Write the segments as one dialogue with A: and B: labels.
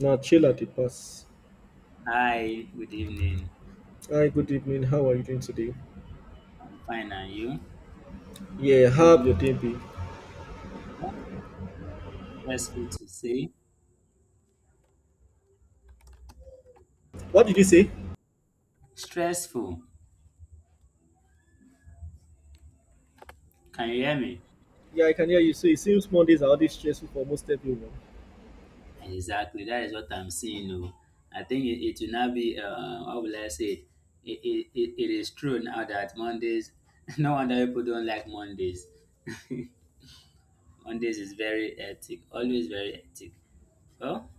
A: Now chill at the pass.
B: Hi, good evening.
A: Hi, good evening. How are you doing today?
B: I'm fine, and you?
A: Yeah, how have
B: Nothing
A: your day been?
B: stressful to say.
A: What did you say?
B: Stressful. Can you hear me?
A: Yeah, I can hear you. So it seems Mondays are always stressful for most everyone.
B: Exactly. That is what I'm seeing. Oh, I think it will not be. How will I say it? It is true now that Mondays. No wonder people don't like Mondays. Mondays is very hectic. Always very hectic. Well,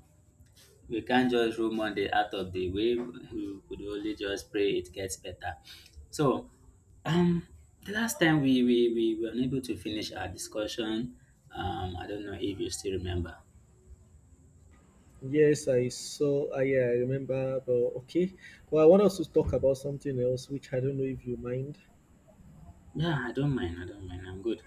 B: we can't just rule Monday out of the way. We could only just pray it gets better. So, um, the last time we were unable to finish our discussion, I don't know if you still remember.
A: Yes, I saw. I yeah, I remember. But okay. Well, I want us to talk about something else, which I don't know if you mind.
B: Yeah, I don't mind. I don't mind. I'm good.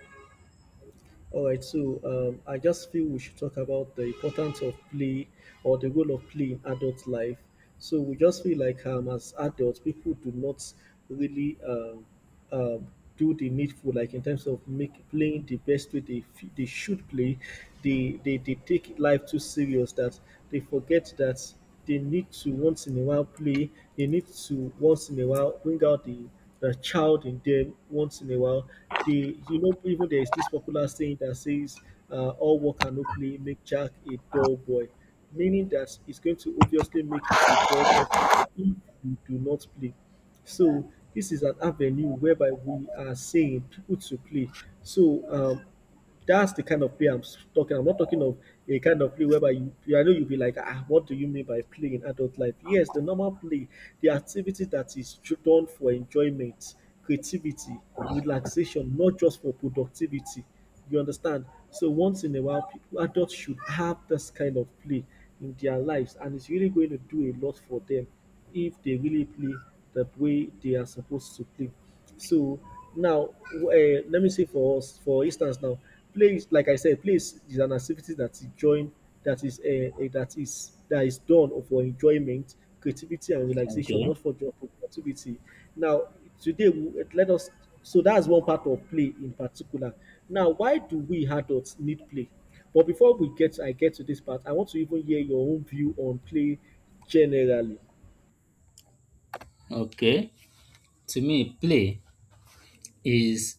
A: All right, so I just feel we should talk about the importance of play or the role of play in adult life. So we just feel like as adults, people do not really um, do the needful, like in terms of make playing the best way they should play. They take life too serious that they forget that they need to once in a while play, they need to once in a while bring out the child in them once in a while. They, you know, even there is this popular saying that says, all work and no play make Jack a dull boy, meaning that it's going to obviously make you a dull person if you do not play. So this is an avenue whereby we are saying people to play. So that's the kind of play I'm talking. I'm not talking of a kind of play whereby you, I know you'll be like, ah, what do you mean by play in adult life? Yes, the normal play, the activity that is done for enjoyment, creativity, relaxation, not just for productivity. You understand? So once in a while, people, adults should have this kind of play in their lives, and it's really going to do a lot for them if they really play the way they are supposed to play. So now, let me say for us, for instance, now play is like I said, play is an activity that is joined, that is done for enjoyment, creativity, and relaxation,
B: Okay.
A: not for job productivity. Now, today, let us. So that's one part of play in particular. Now, why do we adults need play? But I get to this part, I want to even hear your own view on play generally.
B: Okay. To me, play is,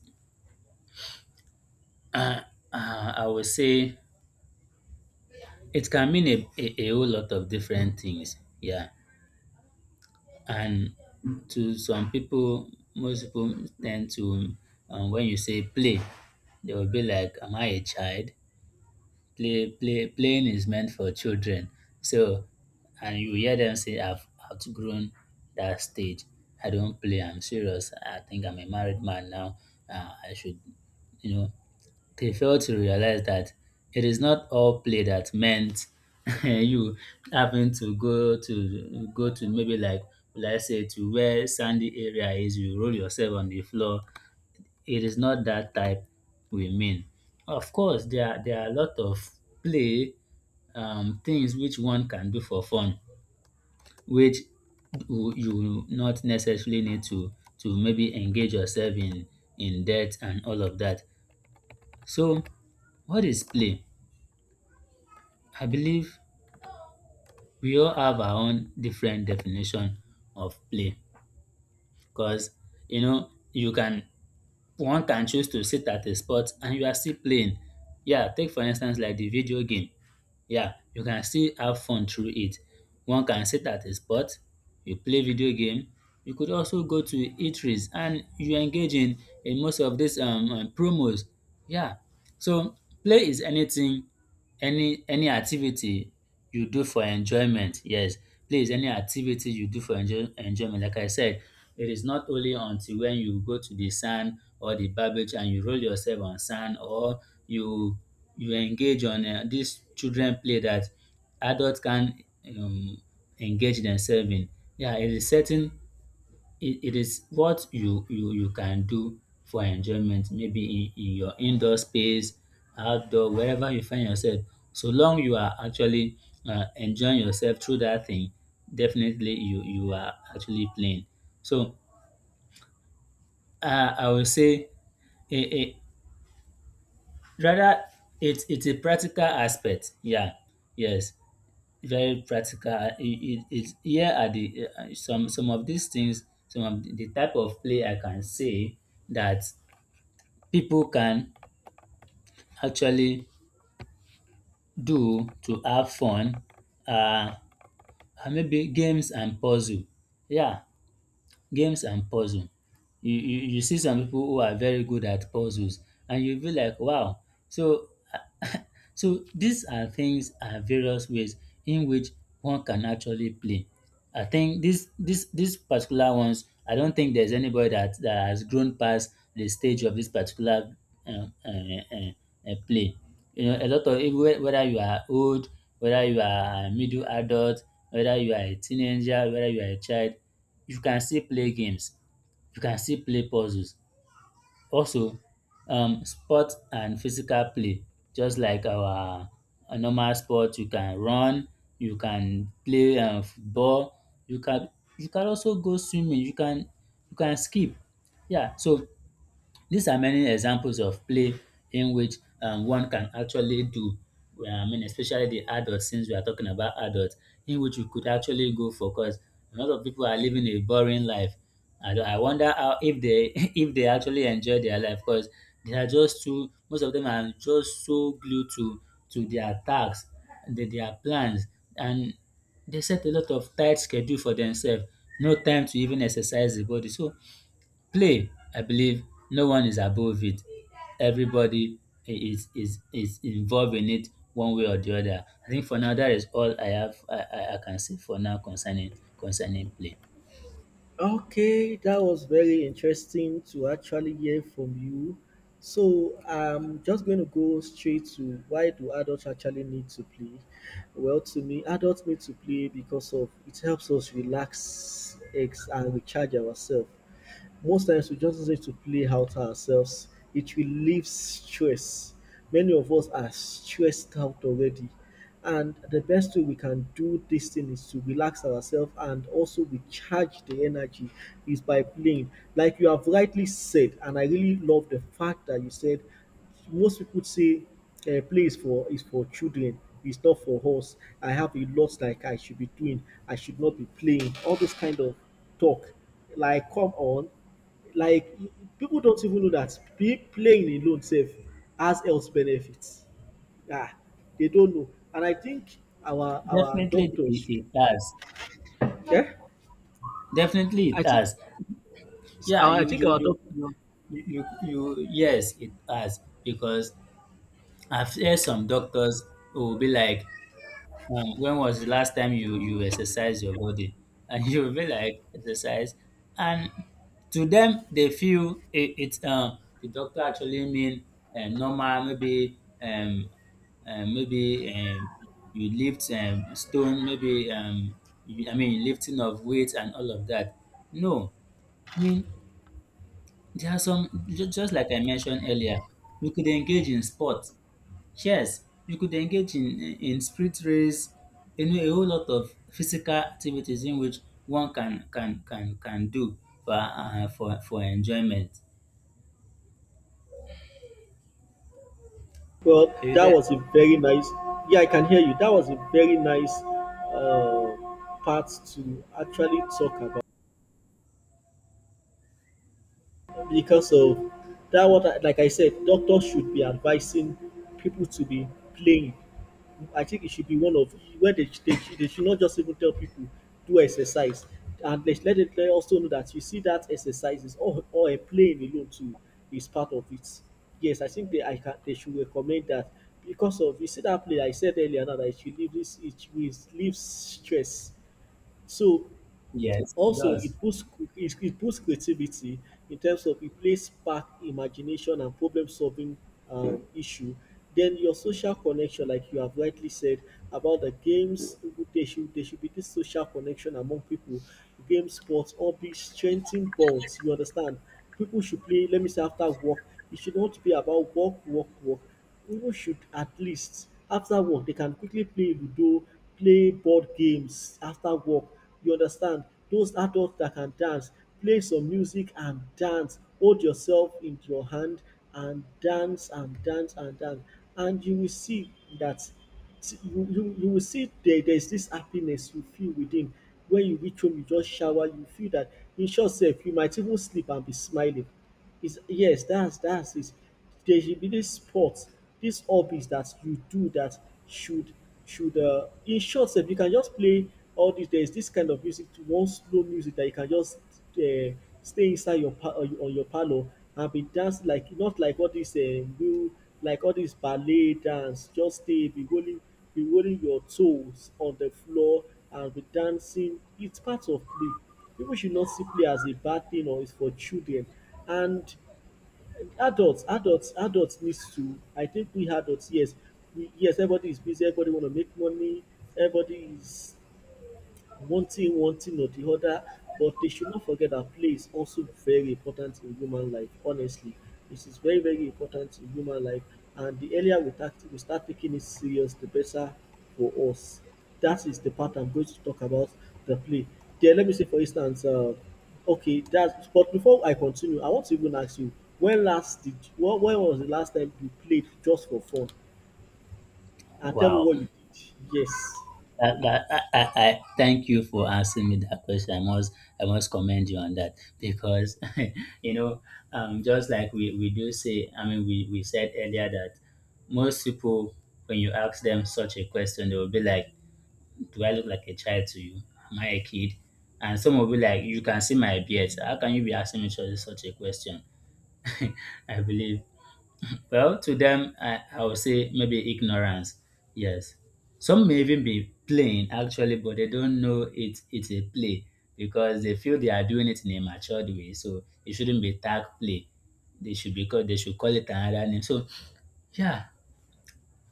B: uh, I would say, it can mean a whole lot of different things. Yeah. And to some people, most people tend to, when you say play, they will be like, "Am I a child?" Playing is meant for children. So, and you hear them say, "I've outgrown that stage. I don't play. I'm serious. I think I'm a married man now. I should, you know, they fail to realize that it is not all play that meant you having to go to maybe like let's say to where sandy area is, you roll yourself on the floor. It is not that type we mean. Of course, there are a lot of play things which one can do for fun, which you not necessarily need to maybe engage yourself in debt and all of that. So what is play? I believe we all have our own different definition of play, because you know you can, one can choose to sit at a spot and you are still playing. Yeah, take for instance like the video game. Yeah, you can still have fun through it. One can sit at a spot, you play video game. You could also go to eateries and you engage in, most of these promos. Yeah, so play is anything, any activity you do for enjoyment. Yes, please, any activity you do for enjoyment. Like I said, it is not only until when you go to the sand or the barbage and you roll yourself on sand, or you engage on this children play that adults can um, engage themselves in. Yeah, it is certain it is what you can do for enjoyment, maybe in, your indoor space, outdoor, wherever you find yourself, so long you are actually enjoying yourself through that thing. Definitely you are actually playing. So I will say a rather it's a practical aspect. Yeah, yes, very practical. It's here are the some of these things, some of the type of play I can say that people can actually do to have fun are maybe games and puzzle. Yeah, games and puzzle. You see some people who are very good at puzzles and you'll be like wow. So so these are things, are various ways in which one can actually play. I think this particular ones, I don't think there's anybody that has grown past the stage of this particular uh, uh, uh, play. You know, a lot of whether you are old, whether you are a middle adult, whether you are a teenager, whether you are a child, you can still play games. You can still play puzzles. Also, sport and physical play, just like our normal sport. You can run, you can play football, you can also go swimming, you can skip. Yeah, so these are many examples of play in which one can actually do, I mean, especially the adults, since we are talking about adults, in which you could actually go for, because a lot of people are living a boring life. I wonder how, if they if they actually enjoy their life, because they are just too, most of them are just so glued to their tasks, their plans, and they set a lot of tight schedule for themselves. No time to even exercise the body. So play, I believe no one is above it. Everybody is involved in it one way or the other. I think for now that is all I have, I can say for now concerning play.
A: Okay, that was very interesting to actually hear from you. So I'm just going to go straight to why do adults actually need to play? Well, to me, adults need to play because of it helps us and recharge ourselves. Most times we just need to play out ourselves. It relieves stress. Many of us are stressed out already. And the best way we can do this thing is to relax ourselves and also recharge the energy is by playing. Like you have rightly said, and I really love the fact that you said most people say play is for children. It's not for us. I have a lot like I should be doing, I should not be playing all this kind of talk. Like come on. Like people don't even know that pe playing alone sef has health benefits. um they don't know, and I think our
B: Definitely
A: doctors.
B: it has.
A: Yeah,
B: Definitely
A: I
B: it
A: think
B: has. Yeah,
A: our I think our doctor.
B: yes, it has, because I've heard some doctors who will be like, when was the last time you exercise your body? And you'll be like exercise, and to them they feel it's the doctor actually mean normal, maybe maybe you lift stone, maybe you, I mean, lifting of weight and all of that. No, I mean, there are some, just like I mentioned earlier, you could engage in sport. Yes, you could engage in sprint race, you know, a whole lot of physical activities in which one can do for enjoyment.
A: Well,
B: Are you
A: that
B: there?
A: was a very nice. Yeah, I can hear you. That was a very nice um part to actually talk about. Because of that, what I, like I said, doctors should be advising people to be playing. I think it should be one of where they should not just even tell people do exercise, and they should let it let also know that you see that exercise is or a playing alone too is part of it. Yes, I think they I can they should recommend that, because of you see that play I said earlier now that it relieves stress. So
B: Yes, it
A: also, it
B: does.
A: boosts it it boosts creativity in terms of it plays spark imagination and problem solving issue. Then your social connection, like you have rightly said about the games, there should be this social connection among people. Game, sports, hobbies strengthen bonds. You understand? People should play, let me say, after work. It should not be about work, work, work. People should at least, after work, they can quickly play Ludo, play board games after work. You understand? Those adults that can dance, play some music and dance. Hold yourself in your hand and dance and dance and dance. And you will see that. See, you will see there is this happiness you feel within. When you reach home, you just shower, you feel that, in short sef, you might even sleep and be smiling. Is yes, that's it. There should be this sport, this hobbies that you do that should should in short sef, you can just play all this. There is this kind of music to one slow music that you can just uh, stay inside your on your on your parlour and be dance, like not like all this real, like all this ballet dance. Just stay be rolling, be rolling your toes on the floor and be dancing. It's part of play. People should not see play as a bad thing or it's for children. And adults needs to, I think we adults, yes, we yes everybody is busy, everybody want to make money, everybody is one thing or the other. But they should not forget that play is also very important in human life. Honestly, it is very very important in human life. And the earlier we start taking it serious, the better for us. That is the part I'm going to talk about the play. There, let me say for instance, okay, that's but before I continue, I want to even ask you when was the last time you played just for fun? And tell me
B: Wow.
A: what you did. Yes.
B: That, that, I thank you for asking me that question. I must, I must commend you on that, because you know, just like we do say, I mean we said earlier that most people, when you ask them such a question, they will be like, do I look like a child to you? Am I a kid? And some will be like, you can see my beard. How can you be asking me such a question? I believe. Well, to them, I would say maybe ignorance. Yes. Some may even be playing actually, but they don't know it's a play, because they feel they are doing it in a matured way. So it shouldn't be tag play. They should call it another name. So yeah,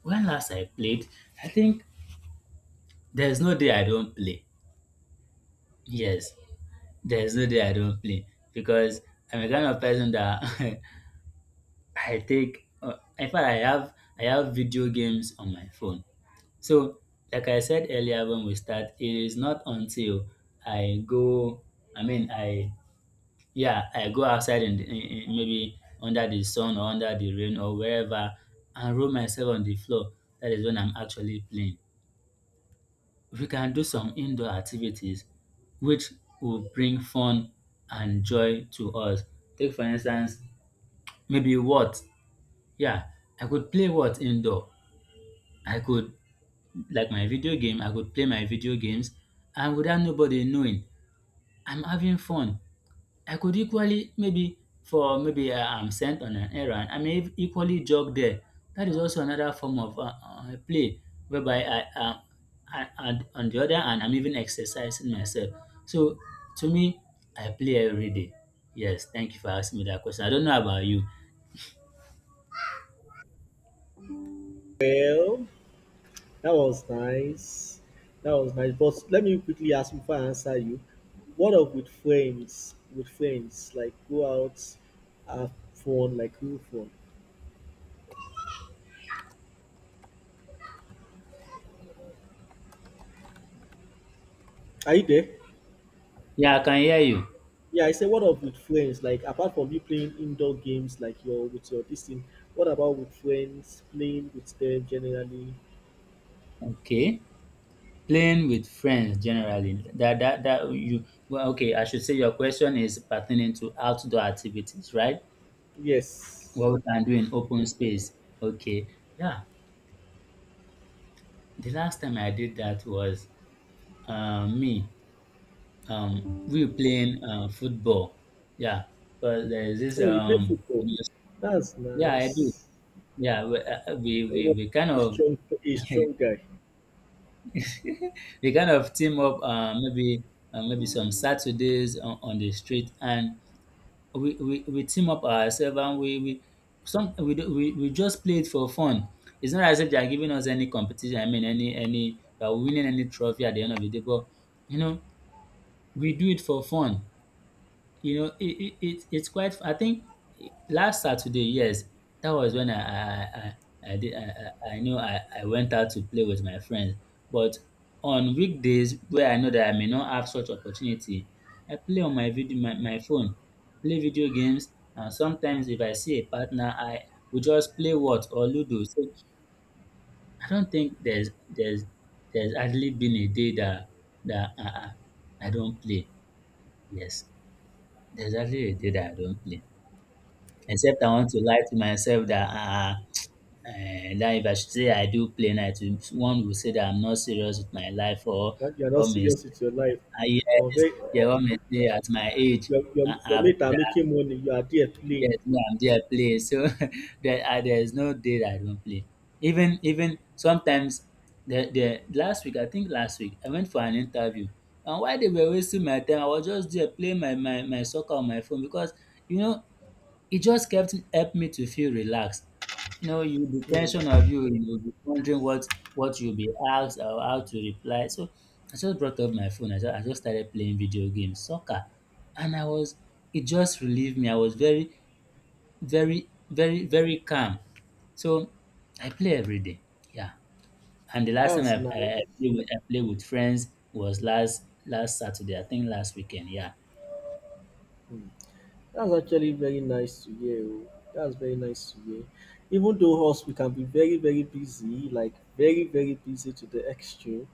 B: when last I played, I think there's no day I don't play. Yes. There's no day I don't play, because I'm a kind of person that I take. In fact, I have video games on my phone. So, like I said earlier when we start, it is not until I go. I mean, I, yeah, I go outside and maybe under the sun or under the rain or wherever, and roll myself on the floor. That is when I'm actually playing. We can do some indoor activities which will bring fun and joy to us. Take for instance, maybe what? Yeah, I could play what indoor. I could, like my video game, I could play my video games, and without nobody knowing, I'm having fun. I could equally maybe I am sent on an errand, I may equally jog there. That is also another form of play, whereby and on the other hand, I'm even exercising myself. So to me, I play every day. Yes, thank you for asking me that question. I don't know about you.
A: Well, that was nice. That was nice. But let me quickly ask before I answer you. What up with friends? With friends, like go out, have fun, like real fun. Are you there?
B: Yeah, I can hear you.
A: Yeah, I said what up with friends? Like apart from you playing indoor games, like your with your this thing. What about with friends? Playing with them generally.
B: Okay. Playing with friends generally. That that that you well, okay, I should say your question is pertaining to outdoor activities, right?
A: Yes.
B: What we can do in open space. Okay, yeah. The last time I did that was me. We were playing football. Yeah, but there's this.
A: Oh, you play football. That's
B: Yeah, I do.
A: nice.
B: Yeah, we
A: I'm
B: we kind
A: a
B: of
A: strong, a strong guy.
B: we kind of team up. Maybe maybe some Saturdays on, the street, and we team up ourselves, and we some we, do- we just play it for fun. It's not as if they are giving us any competition. I mean, any we are winning any trophy at the end of the day, but you know we do it for fun. It's quite, I think, last Saturday. Yes, that was when I did I know I went out to play with my friends. But on weekdays, where I know that I may not have such opportunity, I play on my phone, play video games. And sometimes if I see a partner, I will just play what or ludo. So I don't think there's hardly been a day that that uh, i I- I don't play. Yes, there's hardly a day that I don't play, except I want to lie to myself that, ah, that if I should say I do play night, one will say that I'm not serious with my life. Or
A: You're not
B: one may
A: serious
B: say,
A: with your life.
B: ah,
A: Or
B: yes.
A: very,
B: Yeah,
A: or,
B: one may say at my age,
A: your
B: ah,
A: your
B: ah,
A: mate are
B: brother,
A: making money, you are there
B: yes,
A: playing.
B: me I'm there play. So there, ah, there is no day that I don't play. Even sometimes, the last week, I think last week, I went for an interview, and while they were wasting my time, I was just there playing my soccer on my phone, because you know it just kept helped me to feel relaxed. You know, you the tension
A: Hmm,
B: of you'll be wondering what you'll be asked or how to reply. So I just brought up my phone. I just started playing video games, soccer, and I was it just relieved me. I was very calm. So I play every day. Yeah. And the last time
A: that's nice.
B: I played with friends was last last Saturday. I think last weekend. Yeah.
A: That's actually very nice to hear. Oh. That's very nice to hear. Even though us we can be very very busy, like very very busy to the extreme.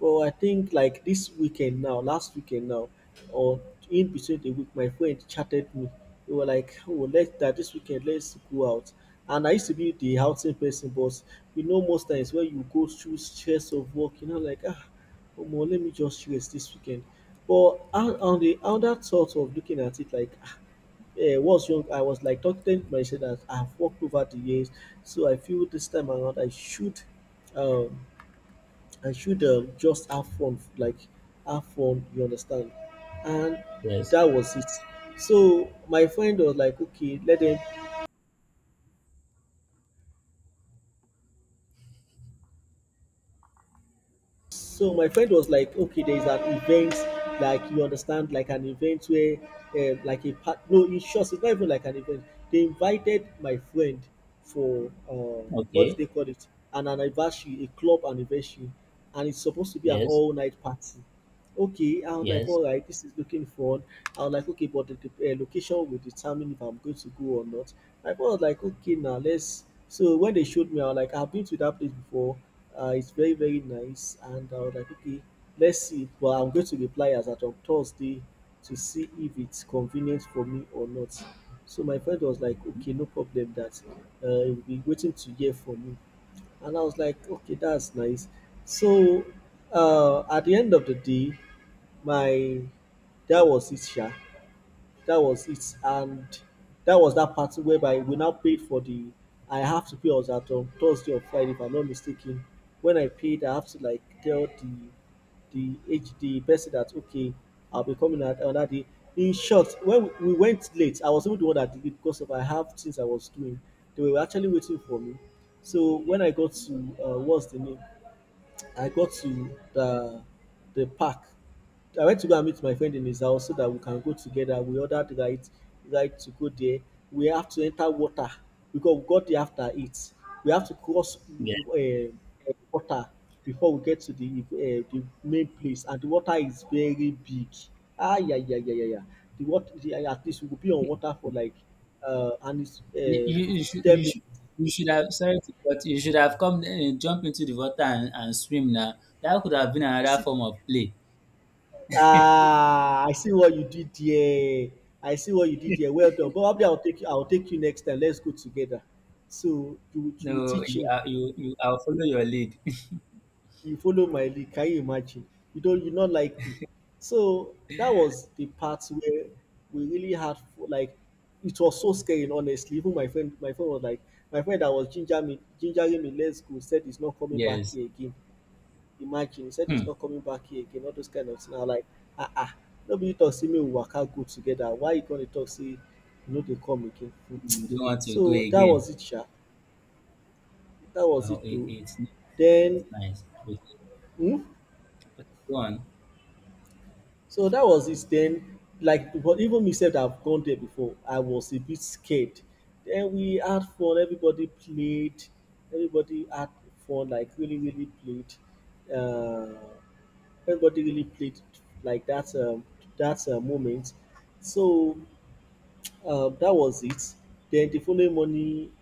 A: But I think like this weekend now, last weekend now, or in between the week, my friend chatted me. They were like, "Oh, let's that this weekend, let's go out." And I used to be the outing person, but you know, most times when you go through stress of work, you know, like ah, omo, let me just rest this weekend. But on the other thought of looking at it, like ah, eh, was young, I was like talking to myself that I've worked over the years, so I feel this time around um, I should just have fun, like have fun. You understand? And
B: Yes.
A: that was it. So my friend was like, okay, let them. So my friend was like, okay, there is an event, like you understand, like an event where, like a part. No, in short, it's not even like an event. They invited my friend for what do
B: Okay.
A: they call it? An anniversary, a club anniversary, and it's supposed to be an
B: Yes.
A: all-night party. Okay, I was like,
B: Yes.
A: all right, this is looking fun. I was like, okay, but the location will determine if I'm going to go or not. My friend was like, okay, now let's. So when they showed me, I was like, I've been to that place before. It's very very nice, and I was like, okay, let's see. But I'm going to reply as at on Thursday to see if it's convenient for me or not. So my friend was like,
B: Okay.
A: okay, no problem. That he'll be waiting to hear from me, and I was like, okay, that's nice. So, at the end of the day, my that was it sha, that was it, and that was that part whereby we now paid for the I have to pay us at Thursday or Friday if I'm not mistaken. When I paid, I have to like tell the person that okay, I'll be coming at another day. In short, when we went late, I was even the one that did it because of I have things I was doing. They were actually waiting for me. So when I got to what's the name, I got to the park. I went to go and meet my friend in his house so that we can go together. We ordered ride to go there. We have to enter water because we got there after it. We have to cross
B: Yes.
A: water before we get to the main place, and the water is very big. Ah, yeah yeah yeah yeah yeah. The water, the at least we will be on water for like and it's
B: You, you, you
A: fifty
B: should you
A: ten
B: should you should have, sorry, but you should have come, jump into the water and swim now. That could have been another
A: minutes
B: form of play.
A: Ah, I see what you did there. I see what you did there. Well done. Probably I'll take you next time. Let's go together. So, you
B: No,
A: teach
B: you
A: me.
B: are you you I'll follow your lead.
A: You follow my lead. Can you imagine? You don't you not like me. So that was the part where we really had like, it was so scary, honestly. Even my friend was like, my friend that was ginger me, gingering me, let's go, said he's not coming back
B: Yes.
A: here again. Imagine, he said
B: Hmm.
A: he's not coming back here again, all those kind of things. I am like, ah ah, nobody talk say me. We waka go together. Why you gonna talk say you no dey come again?
B: You don't want to go
A: So that
B: again.
A: was it sha, that was
B: Well,
A: it too.
B: it's nice.
A: Then
B: It's nice.
A: um
B: Okay, go on.
A: so that was it. Then, like, but even me sef that have gone there before, I was a bit scared. Then we had fun, everybody played, everybody had fun, like really really played everybody really played like that moment. So, that was it. Then the following morning,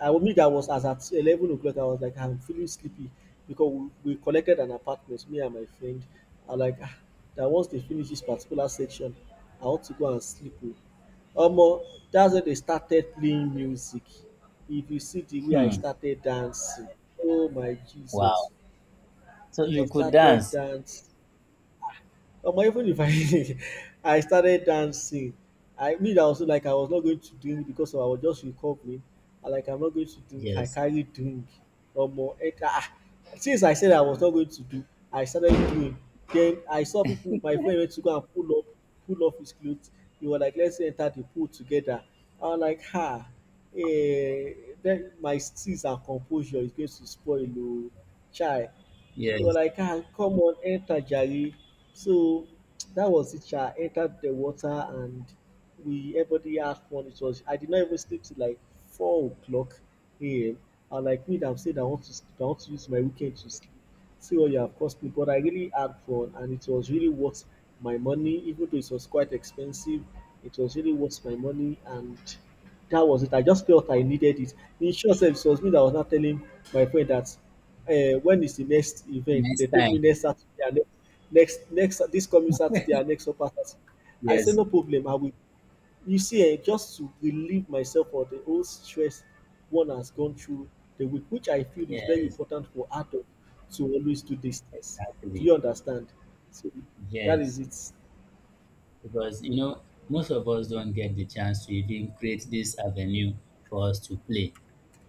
A: I mean that was as at 11 o'clock. I was like, I'm feeling sleepy because we collected an apartment. Me and my friend are like, ah, that once they finish this particular section, I want to go and sleep. Oh. Omo, that's when they started playing music. If you see the way I
B: Hmm.
A: started dancing, oh my
B: Wow.
A: Jesus,
B: So
A: I
B: you could
A: started
B: dance.
A: dancing. Omo, even if I I started dancing, I mean, I was like I was not going to drink because I was just recovering. I like I'm not going to drink. I
B: Yes.
A: carry drink. Omo, eh, ah, ah, since I said I was not going to do, I started doing. Then I saw people. My friend went to go and pull off his clothes. We were like, let's enter the pool together. I was like, ha, eh, then my steeze and composure is going to spoil, oh, chai. You were
B: Yes.
A: like, ah, come on, enter Jari. So that was it. I entered the water, and we everybody had fun. It was, I did not even sleep till like 4 o'clock AM. And like me that have said I want to sleep, I want to use my weekend to sleep. See what you have cost me. But I really had fun and it was really worth my money, even though it was quite expensive. It was really worth my money, and that was it. I just felt I needed it. In short sef, it was me that was now telling my friend that, "When is the next event?"
B: Next
A: They told me
B: time.
A: next Saturday and next next next this coming Saturday and next upper Saturday. I said,
B: Yes.
A: "No problem, I will." You see, just to relieve myself of the whole stress one has gone through the week, which I feel is very
B: Yes.
A: important for adult to always do these things. Do
B: Exactly.
A: you understand? So, that is
B: Yes.
A: it.
B: Because you know, most of us don't get the chance to even create this avenue for us to play.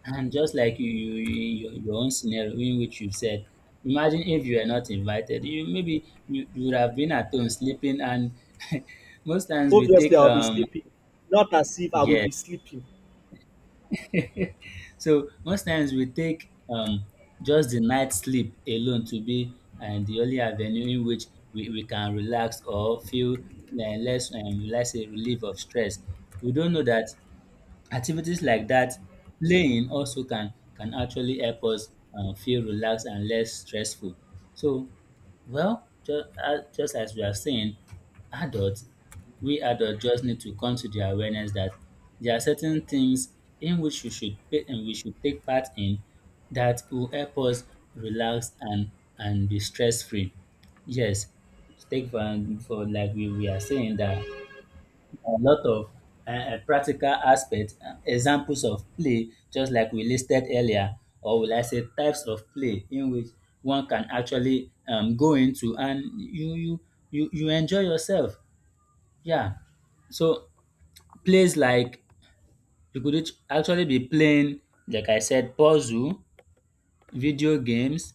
B: And just like you, your own scenario in which you've said, imagine if you were not invited, you, maybe you would have been at home sleeping and most times we
A: Obviously,
B: take
A: I'll be
B: um.
A: sleeping. Not as if I will be
B: Yes.
A: sleeping.
B: So most times we take just the night sleep alone to be, and the only avenue in which we can relax or feel less, let's say, relief of stress. We don't know that activities like that, playing also can actually help us feel relaxed and less stressful. So, well, just as we are saying, adults, we adults just need to come to the awareness that there are certain things in which we should pay, and we should take part in that will help us relax and be stress free. Yes, take for, for, like, we are saying that a lot of practical aspects, examples of play, just like we listed earlier, or will I say types of play in which one can actually, go into and you enjoy yourself. Yeah. So plays like, you could actually be playing, like I said, puzzle, video games,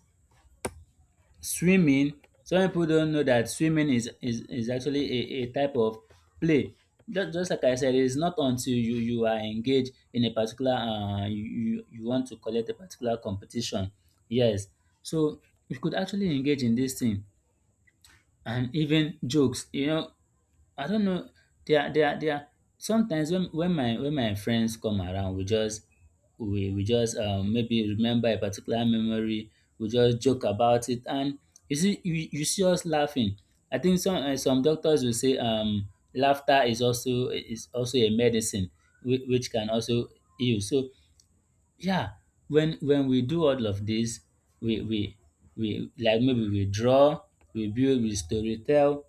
B: swimming. Some people don't know that is actually a type of play. Just like I said, it's not until you are engaged in a particular uh, you want to collect a particular competition. Yes. So you could actually engage in this thing, and even jokes, you know, I don't know. They are sometimes when when my friends come around, we just we just, maybe remember a particular memory. We just joke about it, and you see, you see us laughing. I think some, some doctors will say laughter is also, a medicine which can also heal. So yeah, when we do all of this, we we we, like, maybe we draw, we build, we storytell.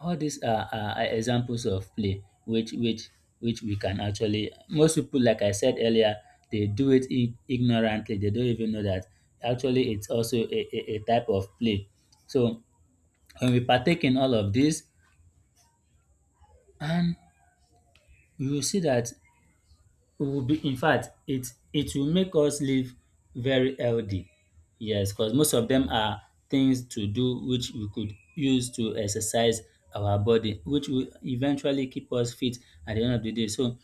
B: All these are examples of play which which we can actually, most people, like I said earlier, they do it, ignorantly. They don't even know that actually it's also a type of play. So when we partake in all of this, and we will see that we will be, in fact, it will make us live very healthy. Yes, because most of them are things to do which we could use to exercise our body, which will eventually keep us fit at the end of the day. So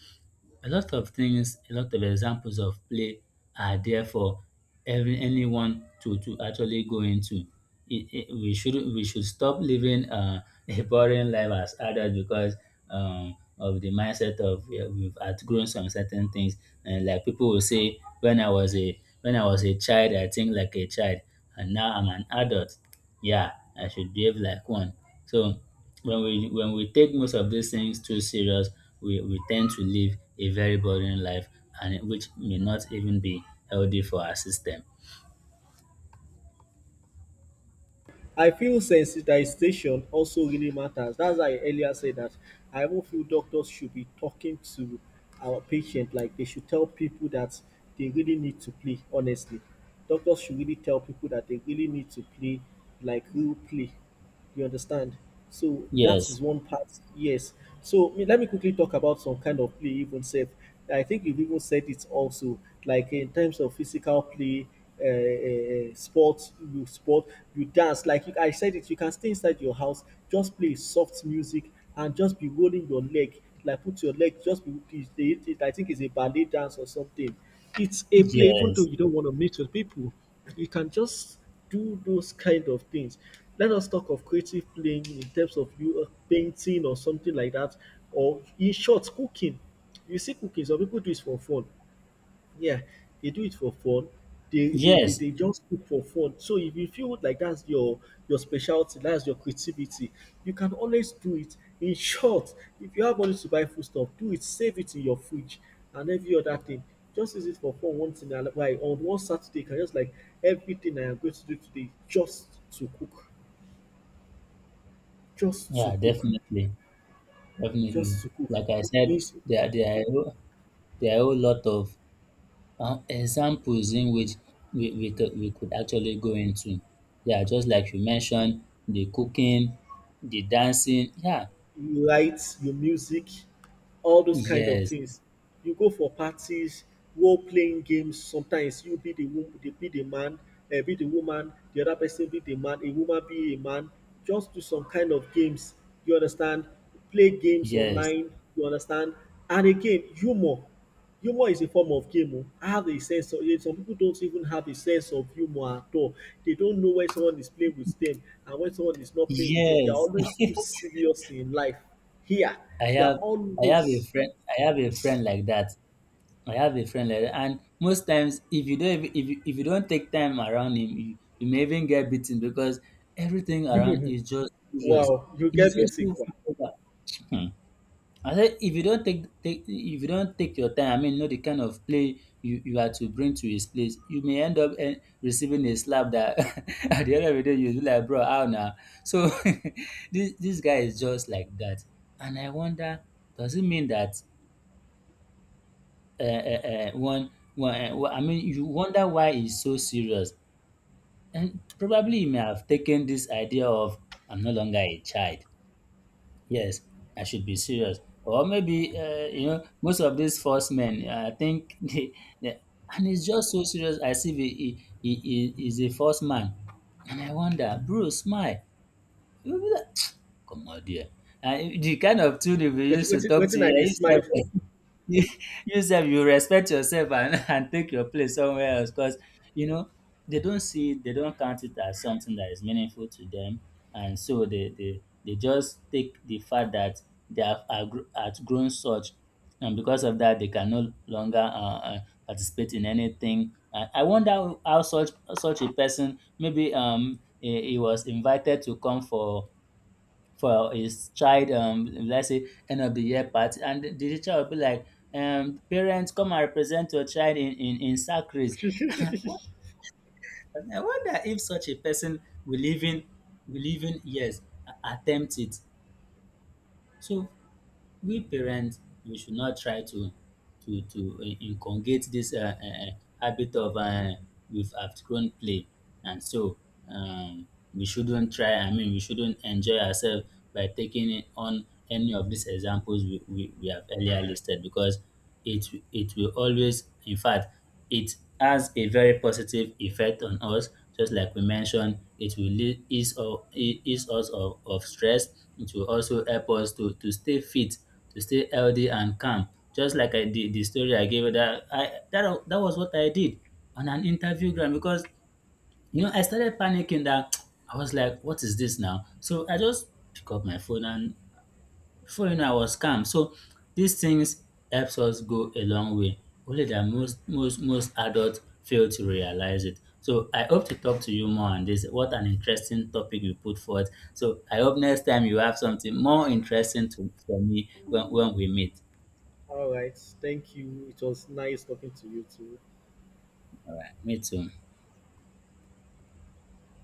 B: a lot of things, a lot of examples of play are there for every anyone to actually go into. We should stop living, a boring life as adults, because of the mindset of we've outgrown some certain things. And like people will say, when I was a, child, I think like a child, and now I'm an adult. Yeah, I should behave like one. So when we take most of these things too serious, we tend to live a very boring life, and which may not even be healthy for our system.
A: I feel sensitization also really matters. That's why I earlier said that I even feel doctors should be talking to our patient, like they should tell people that they really need to play, honestly. Doctors should really tell people that they really need to play like real play. You understand? So that is
B: Yes.
A: one part, yes. So, let me quickly talk about some kind of play even safe. I think you've even said it also, like in terms of physical play, sports, you sport, you dance. Like, you, I said it, you can stay inside your house, just play soft music and just be rolling your leg, like put your leg, just be, I think it's a ballet dance or something. It's a play, even though
B: Yes.
A: you don't want to meet with people, you can just do those kind of things. Let us talk of creative playing in terms of you painting or something like that, or in short, cooking. You see, cooking, some people do it for fun, yeah, they do it for fun. They, they, they,
B: Yes.
A: they just cook for fun. So if you feel like that's your specialty, that's your creativity, you can always do it. In short, if you have money to buy food stuff, do it, save it in your fridge and every other thing. Just use it for fun once in a while. On one Saturday, you can just like, everything I am going to do today, just to cook, just to
B: Yeah,
A: cook,
B: definitely. Definitely.
A: just to cook.
B: Like I said,
A: It's-
B: there are a whole lot of examples in which we could actually go into. Yeah, just like you mentioned, the cooking, the dancing. Yeah.
A: you write your music, all those kind of
B: Yes.
A: things. You go for parties, role playing games. Sometimes you be be the man, be the woman. The other person be the man. A woman be a man. Just do some kind of games. You understand? Play games
B: Yes.
A: online. You understand? And again, humor. Humor is a form of game oh. I have a sense of it. Some people don't even have a sense of humor at all. They don't know when someone is playing with them and when someone is not playing with them. They are
B: Yes.
A: always too serious in life. Here,
B: I
A: they are
B: have I have a
A: always.
B: friend, I have
A: Hmm.
B: a friend like that. I have a friend like that, and most times if you don't even, if you don't take time around him, you may even get beaten, because everything around is just serious.
A: Wow, you
B: He's
A: get
B: just
A: beating.
B: too
A: Wow.
B: focused. I said if you don't take, if you don't take your time, I mean, know the kind of play you are to bring to his place, you may end up, eh, receiving a slap that at the end of the day you'll be like, bro, how now? So this guy is just like that. And I wonder, does it mean that one, well, I mean, you wonder why he's so serious. And probably he may have taken this idea of, I'm no longer a child. Yes, I should be serious. Or maybe, you know, most of these first men, I think, they, and it's just so serious as if he is a first man. And I wonder, bro, smile. You be like, come on, dear. And the kind of tune we
A: Wait,
B: used to
A: waiting,
B: talk to,
A: waiting
B: yeah,
A: I dey
B: you
A: smile
B: yourself,
A: for.
B: you, yourself, you respect yourself and, and take your place somewhere else, because, you know, they don't count it as something that is meaningful to them, and so they just take the fact that they have outgrown such, and because of that, they can no longer, participate in anything. And I wonder how such, such a person, maybe um, he was invited to come for, his child, um, let's say, end of the year party, and the teacher will be like, parents, come and represent your child in sack race. And I wonder if such a person will even, yes, attempt it. So we parents, we should not try to in- inculcate this, habit of we've outgrown play, and so, um, we shouldn't try. I mean, we shouldn't enjoy ourselves by taking on any of these examples we have earlier listed, because it will always, in fact, it has a very positive effect on us. Just like we mentioned, it will ease us of stress. It will also help us to stay fit, to stay healthy and calm. Just like I did, the story I gave you that that was what I did on an interview ground, because you know I started panicking that I was like, what is this now? So I just pick up my phone, and before you know, I was calm. So these things helps us go a long way. Only that most adults fail to realize it. So I hope to talk to you more on this. What an interesting topic you put forth. So I hope next time you have something more interesting to for me when we meet.
A: All right, thank you. It was nice talking to you too.
B: All right, me too.